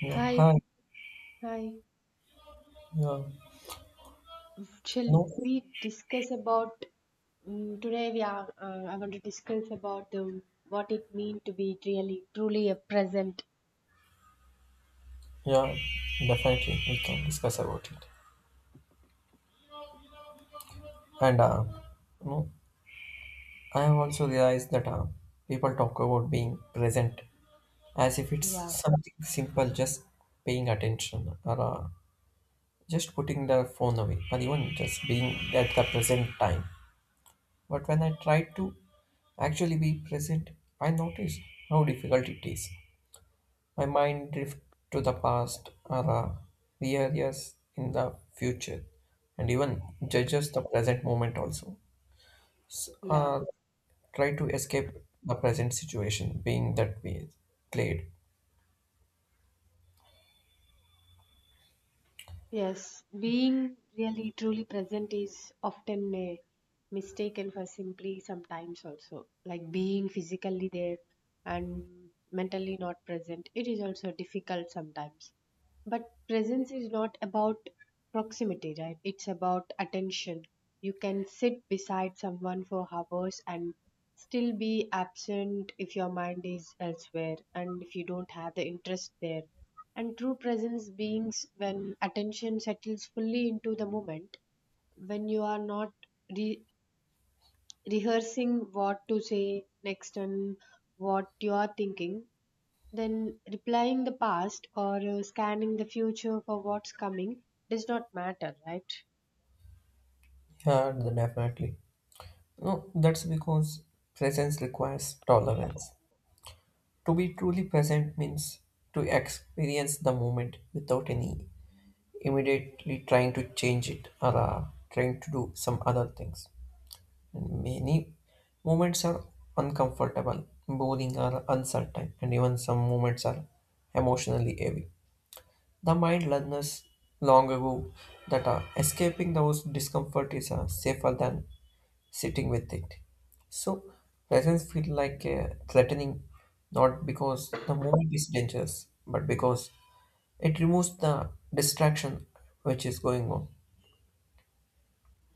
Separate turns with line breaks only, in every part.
Yeah,
Hi,
hi.
hi.
Yeah,
Shall
no,
we discuss about today? We are. I want to discuss about what it means to be really, truly a present.
yeah, definitely we can discuss about it. And you know, I have also realized that people talk about being present as if it's
Yeah,
something simple, just paying attention or just putting the phone away or even just being at the present time. But when I try to actually be present, I notice how difficult it is. My mind drifts to the past or rears in the future and even judges the present moment also. S-
yeah,
uh, try to escape the present situation being that we played.
yes. Being really, truly present is often mistaken for simply sometimes also like being physically there and mentally not present. It is also difficult sometimes. But presence is not about proximity, right? It's about attention. You can sit beside someone for hours and still be absent if your mind is elsewhere and if you don't have the interest there. And true presence beings when attention settles fully into the moment, when you are not re- rehearsing what to say next and what you are thinking then replying the past or scanning the future for what's coming does not matter, right?
Yeah, definitely. No, that's because presence requires tolerance. To be truly present means to experience the moment without any immediately trying to change it or trying to do some other things. And Many moments are uncomfortable, boring, or uncertain, and even some moments are emotionally heavy. The mind learned us long ago that escaping those discomfort is safer than sitting with it. So, presence feel like threatening, not because the moment is dangerous, but because it removes the distraction which is going on.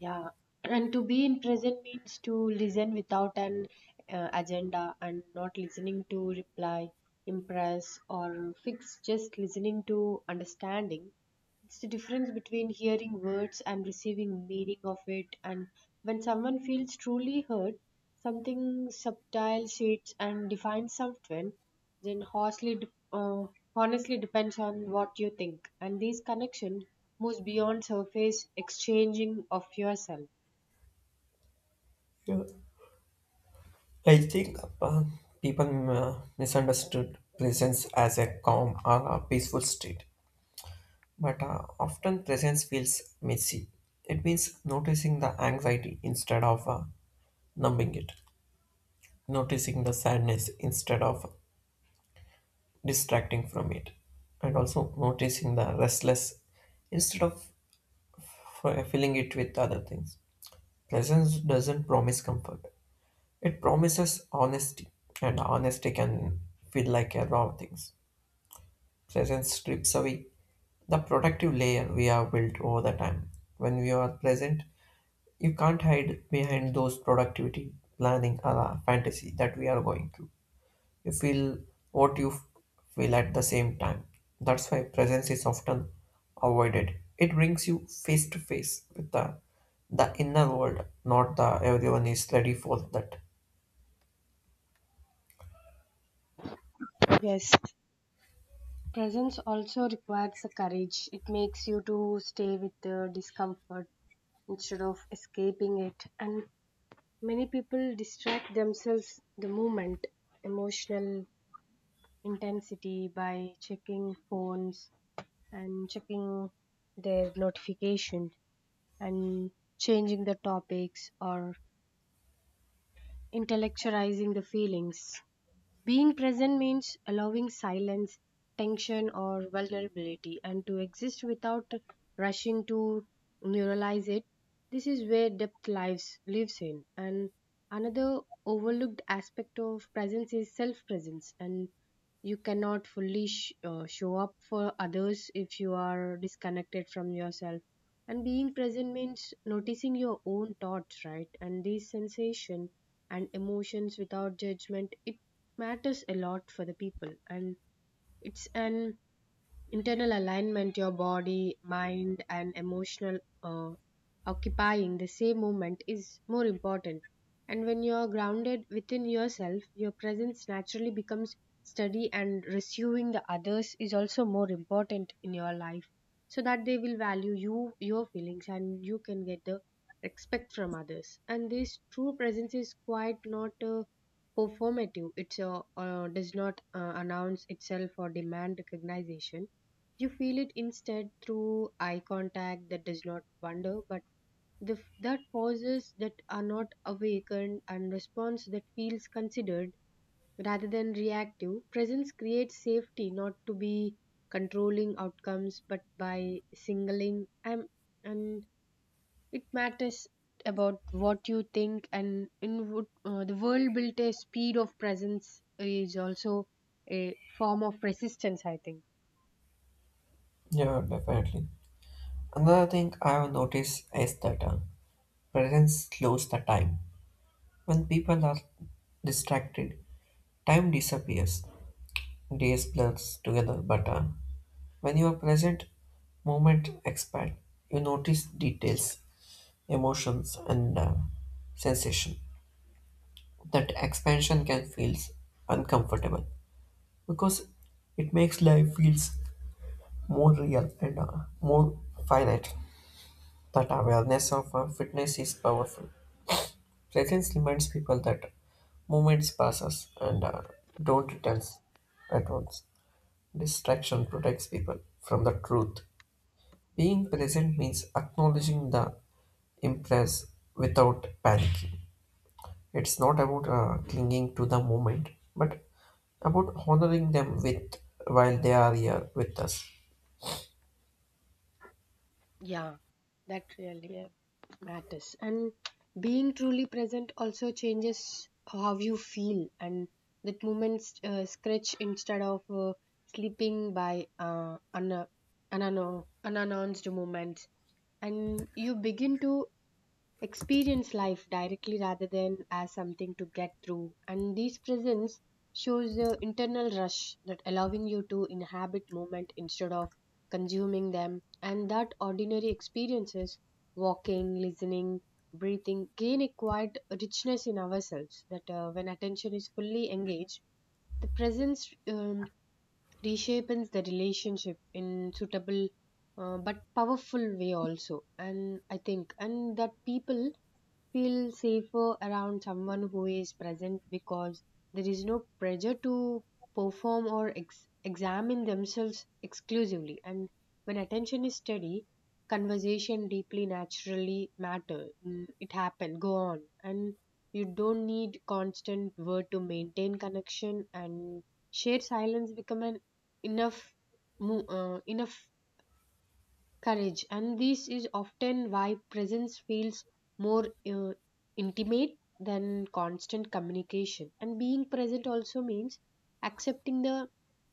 Yeah. And to be in present means to listen without an agenda and not listening to reply, impress, or fix, just listening to understanding. It's the difference between hearing words and receiving meaning of it. And when someone feels truly heard, something subtle shades and defines someone, then honestly, honestly depends on what you think. And this connection moves beyond surface exchanging of yourself.
Yeah. I think people misunderstood presence as a calm or a peaceful state, but often presence feels messy. It means noticing the anxiety instead of numbing it, noticing the sadness instead of distracting from it, and also noticing the restless instead of filling it with other things. Presence doesn't promise comfort. It promises honesty, and honesty can feel like a raw things. Presence strips away the protective layer we have built over the time. When we are present, you can't hide behind those productivity, planning, or fantasy that we are going through. You feel what you f- feel at the same time. That's why presence is often avoided. It brings you face to face with the inner world, not the everyone is ready for that.
Yes, presence also requires the courage. It makes you to stay with the discomfort instead of escaping it. And many people distract themselves the moment emotional intensity by checking phones and checking their notification and changing the topics or intellectualizing the feelings. Being present means allowing silence, tension, or vulnerability, and to exist without rushing to neuralize it. This is where depth lives in. And another overlooked aspect of presence is self-presence, and you cannot fully show up for others if you are disconnected from yourself. And being present means noticing your own thoughts, right? And these sensation and emotions without judgment. It matters a lot for the people, and it's an internal alignment your body mind and emotional uh, occupying the same moment is more important, and when you are grounded within yourself your presence naturally becomes steady, and receiving the others is also more important in your life so that they will value you your feelings, and you can get the respect from others. And this true presence is quite not performative. It's does not announce itself or demand recognition. You feel it instead through eye contact that does not wonder, but the, that pauses that are not awakened and response that feels considered rather than reactive. Presence creates safety not to be controlling outcomes, but by singling. I'm, and it matters about what you think. And in what, the world built a speed of presence is also a form of resistance, I think.
Yeah, definitely. Another thing I have noticed is that presence slows the time. When people are distracted, time disappears, days blurs together, but when you are present, moment expand. You notice details, emotions, and sensation. That expansion can feel uncomfortable because it makes life feels more real and more finite. That awareness of fitness is powerful. Presence reminds people that moments passes and don't return at once. Distraction protects people from the truth. Being present means acknowledging the impress without panicking. It's not about clinging to the moment, but about honoring them with while they are here with us.
Yeah, that really matters. And being truly present also changes how you feel, and that moments scratch instead of sleeping by unannounced moments. And you begin to experience life directly rather than as something to get through. And this presence shows the internal rush that allowing you to inhabit moment instead of consuming them. And that ordinary experiences walking listening breathing gain a quiet richness in ourselves that when attention is fully engaged the presence reshapes the relationship in suitable but powerful way also, and I think. And that people feel safer around someone who is present because there is no pressure to perform or examine themselves exclusively. And when attention is steady conversation deeply naturally matter. Mm, it happen go on, and you don't need constant word to maintain connection, and shared silence become an enough enough courage. And this is often why presence feels more intimate than constant communication. And being present also means accepting the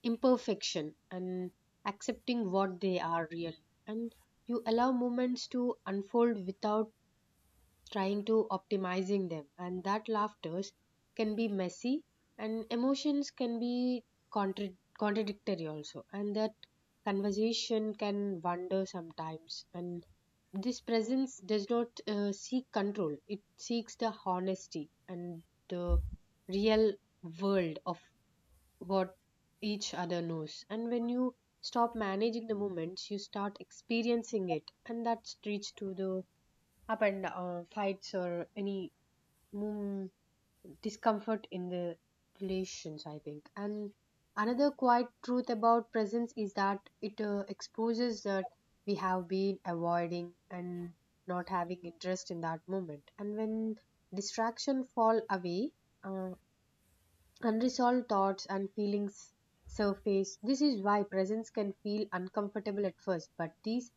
imperfection and accepting what they are really, and you allow moments to unfold without trying to optimizing them. And that laughters can be messy and emotions can be contradictory also. And that conversation can wander sometimes, and this presence does not seek control, it seeks the honesty and the real world of what each other knows. And when you stop managing the moments you start experiencing it, and that's reach to the up and fights or any mm, discomfort in the relations I think. And another quiet truth about presence is that it exposes that we have been avoiding and not having interest in that moment. And when distraction fall away uh, unresolved thoughts and feelings surface. This is why presence can feel uncomfortable at first, but this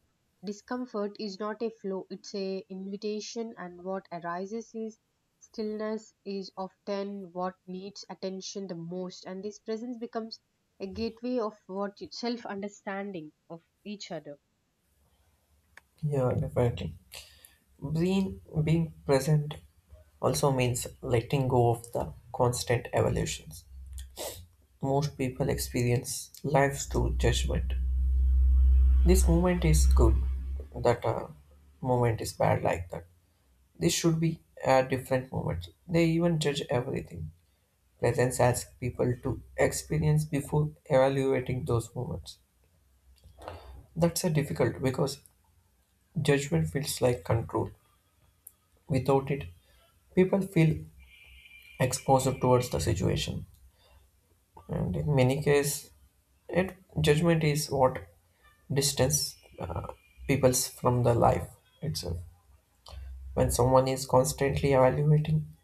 discomfort is not a flaw, it's a invitation, and what arises is stillness is often what needs attention the most. And this presence becomes a gateway of what self understanding of each other.
Yeah, definitely. Being being present also means letting go of the constant evolutions. Most people experience life through judgment. This moment is good, that moment is bad, like that. This should be a different moment. They even judge everything. Presence asks people to experience before evaluating those moments. That's a difficult because judgment feels like control. Without it, people feel exposed towards the situation, and in many cases, it judgment is what distance people from the life itself. When someone is constantly evaluating,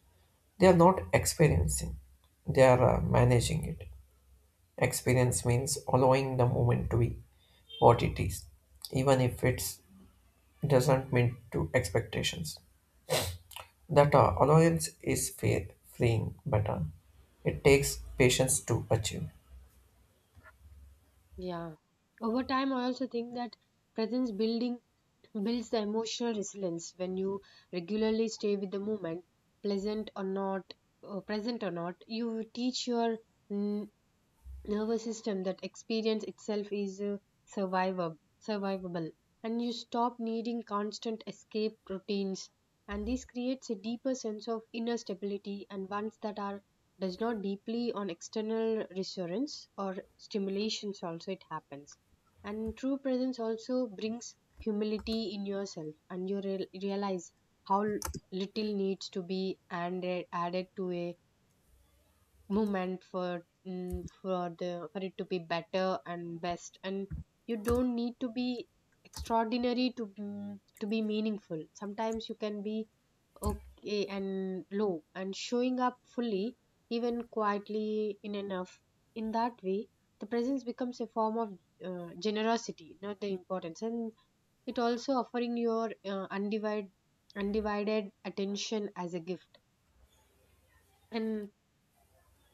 they are not experiencing, they are managing it. Experience means allowing the moment to be what it is, even if it doesn't meet to expectations. That allowance is fair, freeing, but it takes patience to achieve.
Yeah. Over time I also think that presence building builds the emotional resilience when you regularly stay with the moment pleasant or not present or not you teach your mm, nervous system that experience itself is survivable survivable and you stop needing constant escape routines. And this creates a deeper sense of inner stability and ones that are does not deeply on external reassurance or stimulations also it happens. And true presence also brings humility in yourself, and you realize how little needs to be added to a movement for for the for it to be better and best. And you don't need to be extraordinary to to be meaningful. Sometimes you can be okay and low and showing up fully even quietly in enough in that way the presence becomes a form of generosity not the importance. And it also offering your undivided attention as a gift. and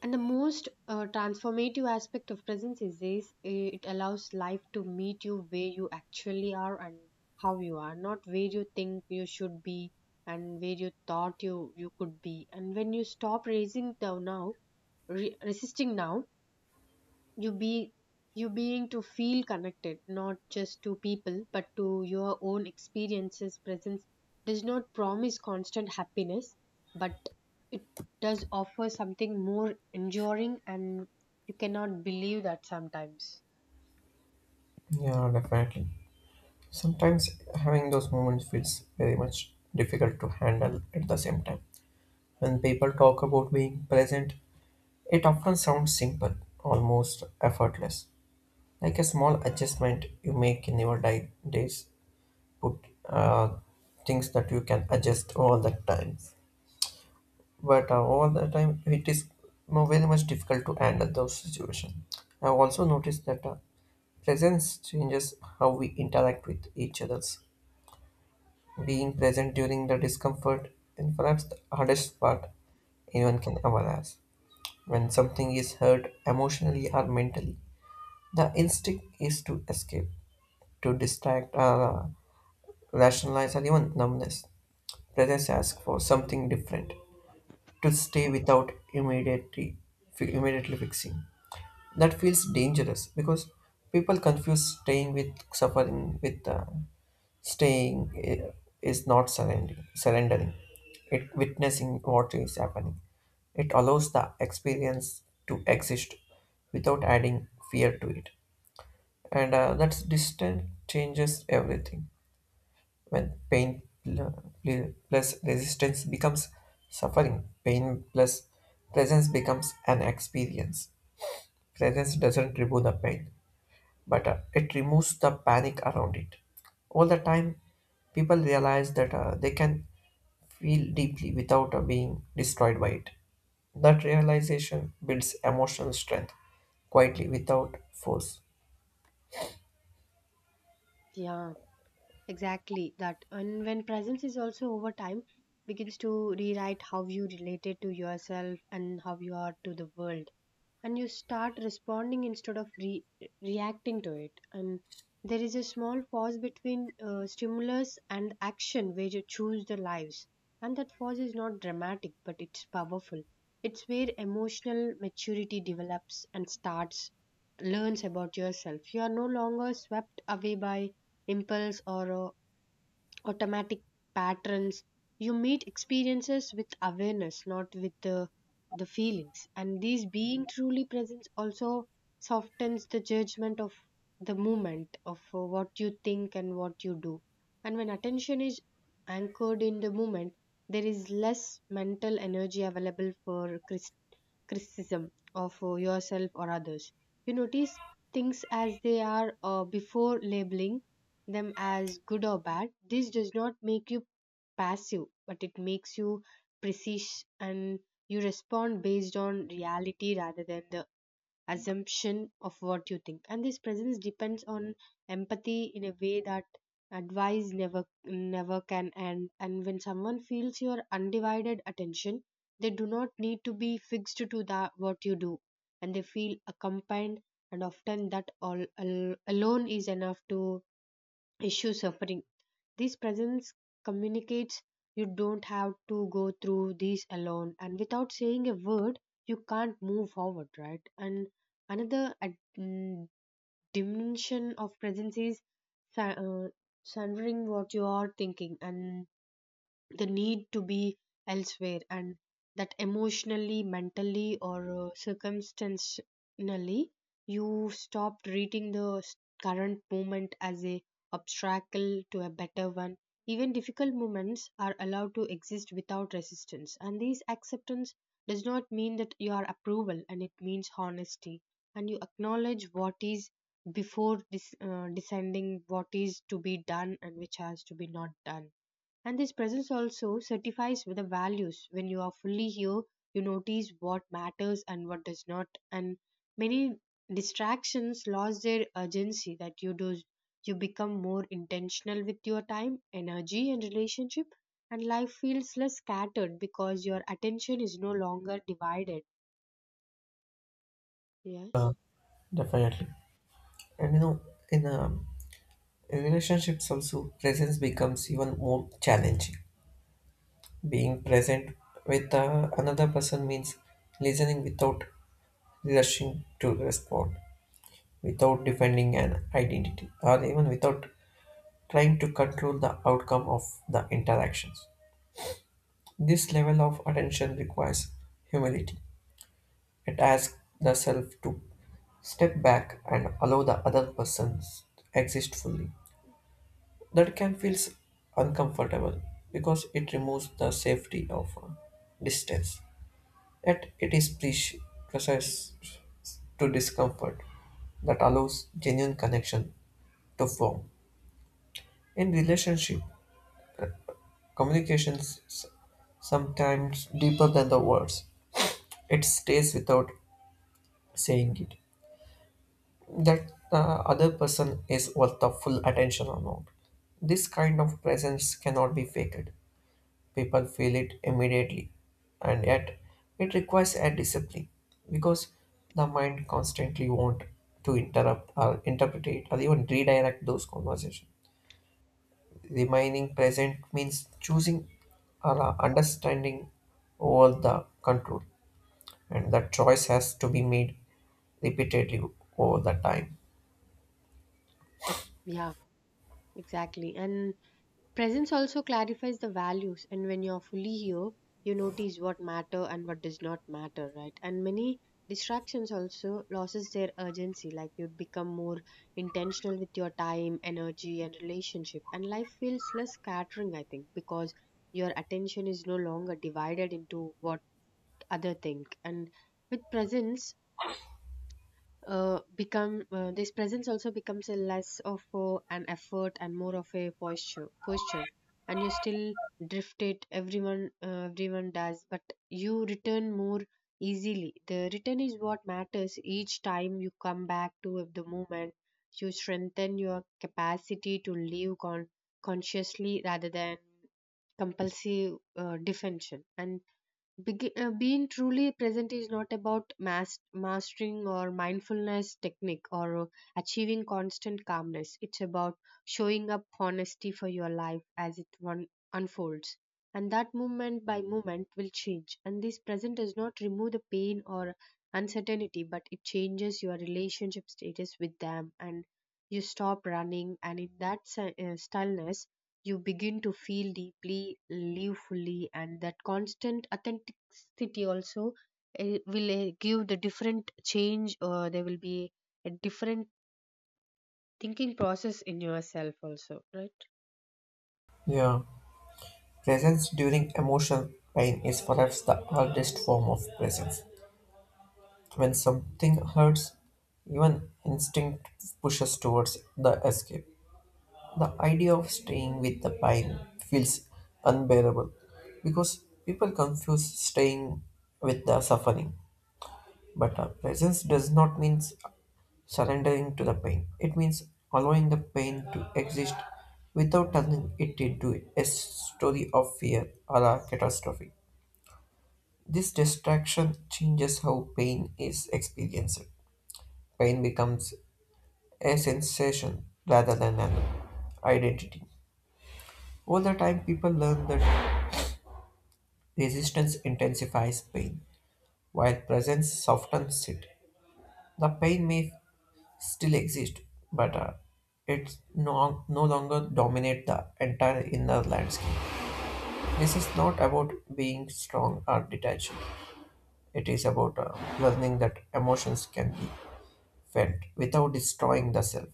and the most transformative aspect of presence is this it allows life to meet you where you actually are and how you are, not where you think you should be and where you thought you could be. And when you stop raising the now, resisting now, you be you being to feel connected not just to people but to your own experiences presence does not promise constant happiness, but it does offer something more enduring, and you cannot believe that sometimes.
Yeah, definitely. Sometimes having those moments feels very much difficult to handle at the same time. When people talk about being present, it often sounds simple, almost effortless, like a small adjustment you make in your days. Put things that you can adjust all the time, but all the time it is very much difficult to handle those situations. I also noticed that presence changes how we interact with each others. Being present during the discomfort and perhaps the hardest part anyone can ever ask. When something is hurt emotionally or mentally, the instinct is to escape, to distract, rationalize, or even numbness. Brothers ask for something different, to stay without immediately fixing. That feels dangerous because people confuse staying with suffering with staying i- is not surrendering. Surrendering, it witnessing what is happening. It allows the experience to exist without adding fear to it, and that distance changes everything. When pain plus resistance becomes suffering, pain plus presence becomes an experience. Presence doesn't remove the pain but it removes the panic around it. All the time, people realize that they can feel deeply without being destroyed by it. That realization builds emotional strength quietly without force.
Yeah, exactly that. And when presence is also over time begins to rewrite how you related to yourself and how you are to the world, and you start responding instead of reacting to it. And there is a small pause between stimulus and action where you choose the lives, and that pause is not dramatic but it's powerful. It's where emotional maturity develops and starts learns about yourself. You are no longer swept away by impulse or automatic patterns. You meet experiences with awareness not with the feelings. And these being truly present also softens the judgment of the moment of what you think and what you do. And when attention is anchored in the moment there is less mental energy available for criticism of yourself or others. You notice things as they are before labeling them as good or bad. This does not make you passive, but it makes you precise, and you respond based on reality rather than the assumption of what you think. And this presence depends on empathy in a way that advice never can end. And when someone feels your undivided attention they do not need to be fixed to that what you do, and they feel accompanied, and often that all alone is enough to issue suffering. This presence communicates you don't have to go through this alone, and without saying a word, you can't move forward, right? And another dimension of presence is sa- uh, surrendering what you are thinking and the need to be elsewhere and that emotionally mentally or circumstantially you stop treating the current moment as a obstacle to a better one. Even difficult moments are allowed to exist without resistance, and this acceptance does not mean that you are approval, and it means honesty, and you acknowledge what is before deciding what is to be done and which has to be not done. And this presence also certifies with the values. When you are fully here, you notice what matters and what does not. And many distractions lost their urgency that you do you become more intentional with your time, energy and relationship, and life feels less scattered because your attention is no longer divided. Yes.
Definitely. And you know, in, um, in relationships also, presence becomes even more challenging. Being present with another person means listening without rushing to respond without defending an identity or even without trying to control the outcome of the interactions. This level of attention requires humility. It asks the self to step back and allow the other person to exist fully. That can feel uncomfortable because it removes the safety of distance. Yet it is precise to discomfort that allows genuine connection to form. In relationship, Communications sometimes deeper than the words. It stays without saying it. That the other person is worth the full attention or not. This kind of presence cannot be faked. People feel it immediately, and yet it requires a discipline because the mind constantly want to interrupt or interpret or even redirect those conversations. Remaining present means choosing our understanding over the control, and the choice has to be made repeatedly over the time.
Yeah, exactly. And presence also clarifies the values, and when you're fully here, you notice what matter and what does not matter, right? And many distractions also loses their urgency, like you become more intentional with your time, energy, and relationship, and life feels less scattering, I think, because your attention is no longer divided into what other think. And with presence, become this presence also becomes a less of an effort and more of a posture and you still drift it, everyone everyone does, but you return more easily. The return is what matters. Each time you come back to the moment you strengthen your capacity to live consciously rather than compulsive defension. And being truly present is not about mastering or mindfulness technique or achieving constant calmness. It's about showing up honesty for your life as it one unfolds. And that moment by moment will change. And this present does not remove the pain or uncertainty, but it changes your relationship status with them, and you stop running. And in that stillness, you begin to feel deeply, live fully, and that constant authenticity also will give the different change, or there will be a different thinking process in yourself, also, right?
Yeah, presence during emotional pain is perhaps the hardest form of presence. When something hurts, even instinct pushes towards the escape. The idea of staying with the pain feels unbearable because people confuse staying with the suffering. But presence does not mean surrendering to the pain. It means allowing the pain to exist without turning it into a story of fear or a catastrophe. This distraction changes how pain is experienced. Pain becomes a sensation rather than an identity. Over the time, people learn that resistance intensifies pain, while presence softens it. The pain may still exist, but it's no longer dominate the entire inner landscape. This is not about being strong or detached. It is about learning that emotions can be felt without destroying the self.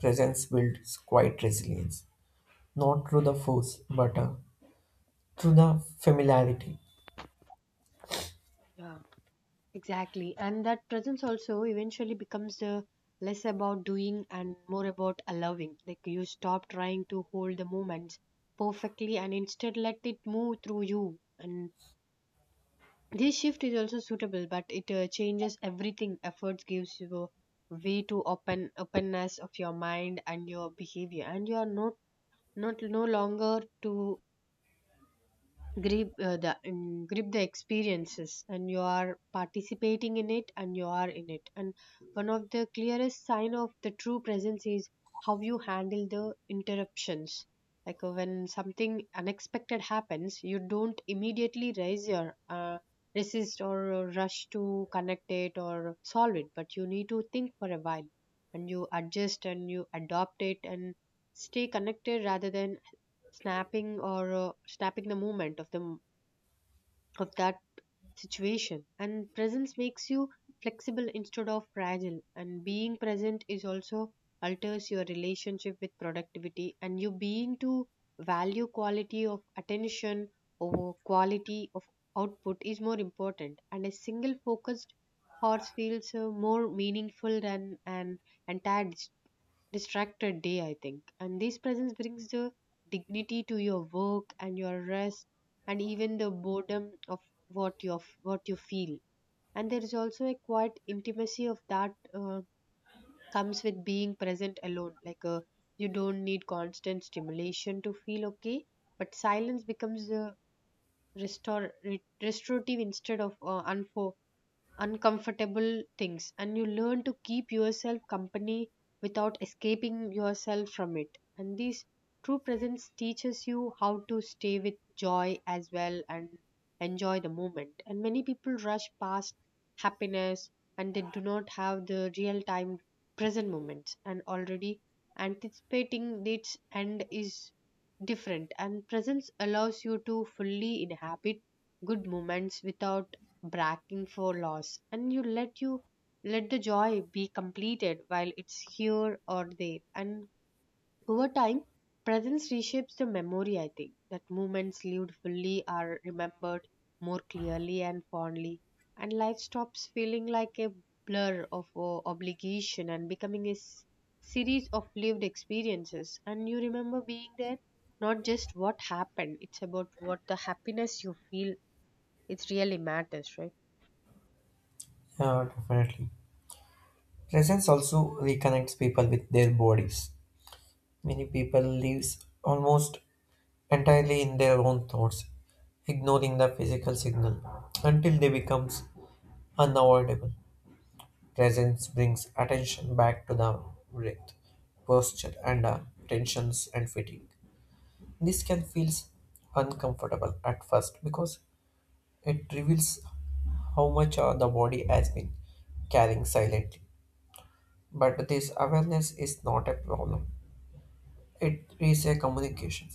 Presence builds quiet resilience, not through the force, but through the familiarity.
Yeah, exactly. And that presence also eventually becomes the less about doing and more about allowing. Like you stop trying to hold the moments perfectly and instead let it move through you. And this shift is also suitable, but it changes everything. Efforts gives you way to open openness of your mind and your behavior, and you are not no longer to grip the grip the experiences, and you are participating in it and you are in it. And one of the clearest sign of the true presence is how you handle the interruptions, like when something unexpected happens you don't immediately raise your resist or rush to connect it or solve it, but you need to think for a while and you adjust and you adopt it and stay connected rather than snapping or snapping the movement of the of that situation. And presence makes you flexible instead of fragile, and being present is also alters your relationship with productivity, and you being to value quality of attention over quality of output is more important. And a single focused horse feels more meaningful than an entire distracted day, I think. And this presence brings the dignity to your work and your rest and even the boredom of what you feel. And there is also a quiet intimacy of that comes with being present alone. Like you don't need constant stimulation to feel okay, but silence becomes the restorative instead of uncomfortable things, and you learn to keep yourself company without escaping yourself from it. And this true presence teaches you how to stay with joy as well, and enjoy the moment. And many people rush past happiness and they do not have the real time present moments, and already anticipating its end is different. And presence allows you to fully inhabit good moments without bracking for loss, and you let the joy be completed while it's here or there. And over time presence reshapes the memory, I think. That moments lived fully are remembered more clearly and fondly, and life stops feeling like a blur of obligation and becoming a series of lived experiences, and you remember being there, not just what happened. It's about what the happiness you feel, it really matters, right?
Yeah, definitely. Presence also reconnects people with their bodies. Many people lives almost entirely in their own thoughts, ignoring the physical signal until they becomes unavoidable. Presence brings attention back to the breath, posture, and tensions and fatigue. This can feel uncomfortable at first because it reveals how much the body has been carrying silently. But this awareness is not a problem. It is a communication.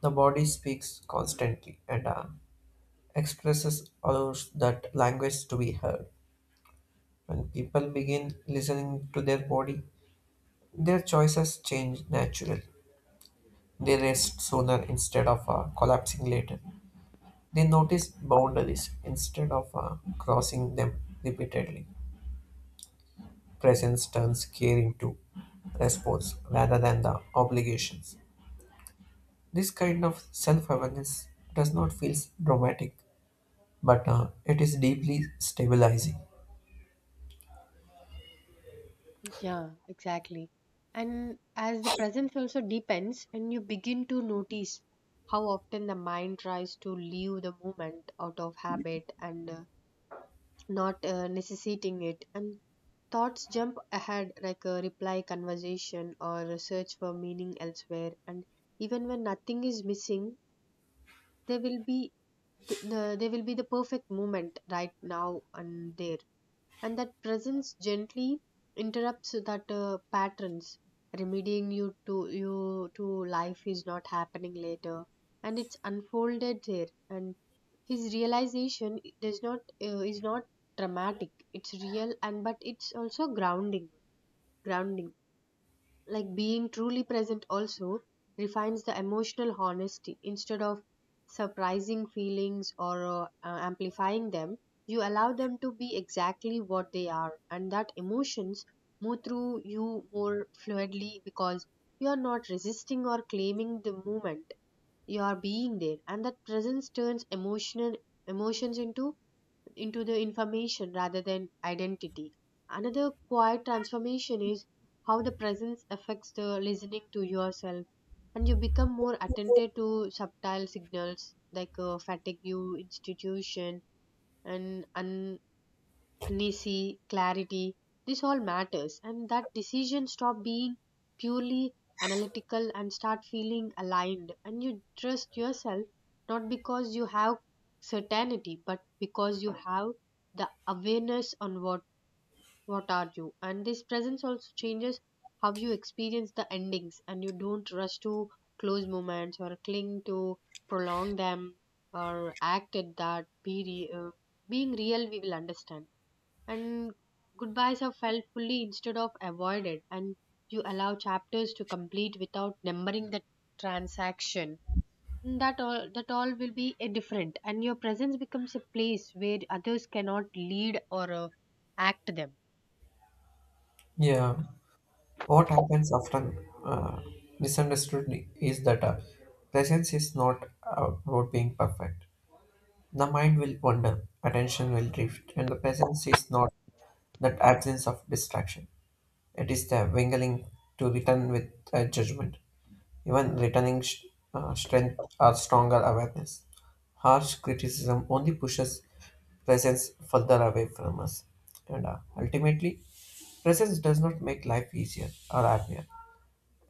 The body speaks constantly and expresses allows that language to be heard. When people begin listening to their body, their choices change naturally. They rest sooner instead of collapsing later. They notice boundaries instead of crossing them repeatedly. Presence turns care into response rather than the obligations. This kind of self awareness does not feel dramatic, but it is deeply stabilizing.
Yeah, exactly. And as the presence also deepens, and you begin to notice how often the mind tries to leave the moment out of habit and not necessitating it, and thoughts jump ahead like a reply conversation or a search for meaning elsewhere. And even when nothing is missing, there will be there will be the perfect moment right now and there. And that presence gently interrupts that patterns, remedying you to life is not happening later, and it's unfolded there. And his realization does not is not dramatic, it's real, and but it's also grounding. Like being truly present also refines the emotional honesty. Instead of surprising feelings or amplifying them, you allow them to be exactly what they are, and that emotions move through you more fluidly because you are not resisting or claiming the moment, you are being there. And that presence turns emotional emotions into the information rather than identity. Another quiet transformation is how the presence affects the listening to yourself, and you become more attentive to subtle signals like fatigue, institution, and uneasy clarity. This all matters, and that decision stop being purely analytical and start feeling aligned, and you trust yourself, not because you have certainty but because you have the awareness on what are you. And this presence also changes how you experience the endings, and you don't rush to close moments or cling to prolong them or act at that being real, we will understand. And goodbyes are felt fully instead of avoided, and you allow chapters to complete without numbering the transaction. Mm, that all will be a different, and your presence becomes a place where others cannot lead or act them.
Yeah, what happens often uh, misunderstood is that presence is not about being perfect. The mind will wander, attention will drift, and the presence is not that absence of distraction. It is the wingling to return with a judgment. Even returning strength or stronger awareness. Harsh criticism only pushes presence further away from us. And ultimately, presence does not make life easier or happier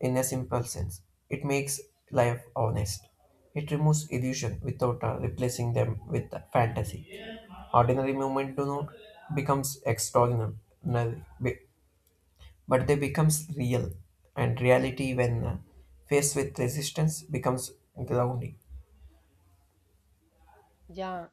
in a simple sense. It makes life honest. It removes illusion without replacing them with fantasy. Ordinary moment do not becomes extraordinary, be- but they becomes real. And reality, when faced with resistance, becomes grounding.
Yeah,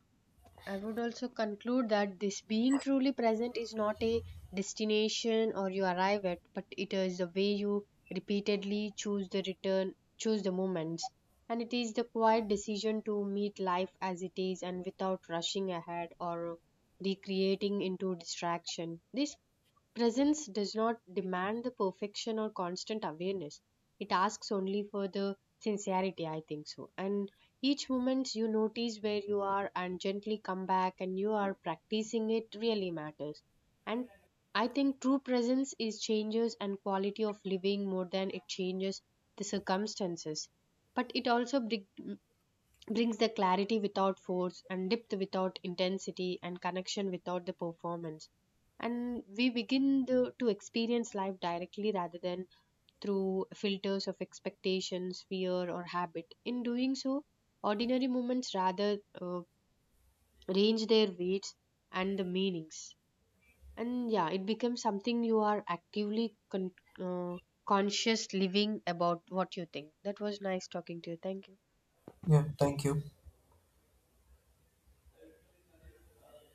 I would also conclude that this being truly present is not a destination or you arrive at, but it is the way you repeatedly choose the return, choose the moments. And it is the quiet decision to meet life as it is and without rushing ahead or recreating into distraction. This presence does not demand the perfection or constant awareness. It asks only for the sincerity, I think so. And each moment you notice where you are and gently come back and you are practicing, it really matters. And I think true presence is changes and quality of living more than it changes the circumstances. But it also brings the clarity without force and depth without intensity and connection without the performance, and we begin to experience life directly rather than through filters of expectations, fear or habit. In doing so ordinary moments rather range their weights and the meanings. And yeah, it becomes something you are actively uh, conscious living about what you think. That was nice talking to you, thank you.
Yeah, thank you.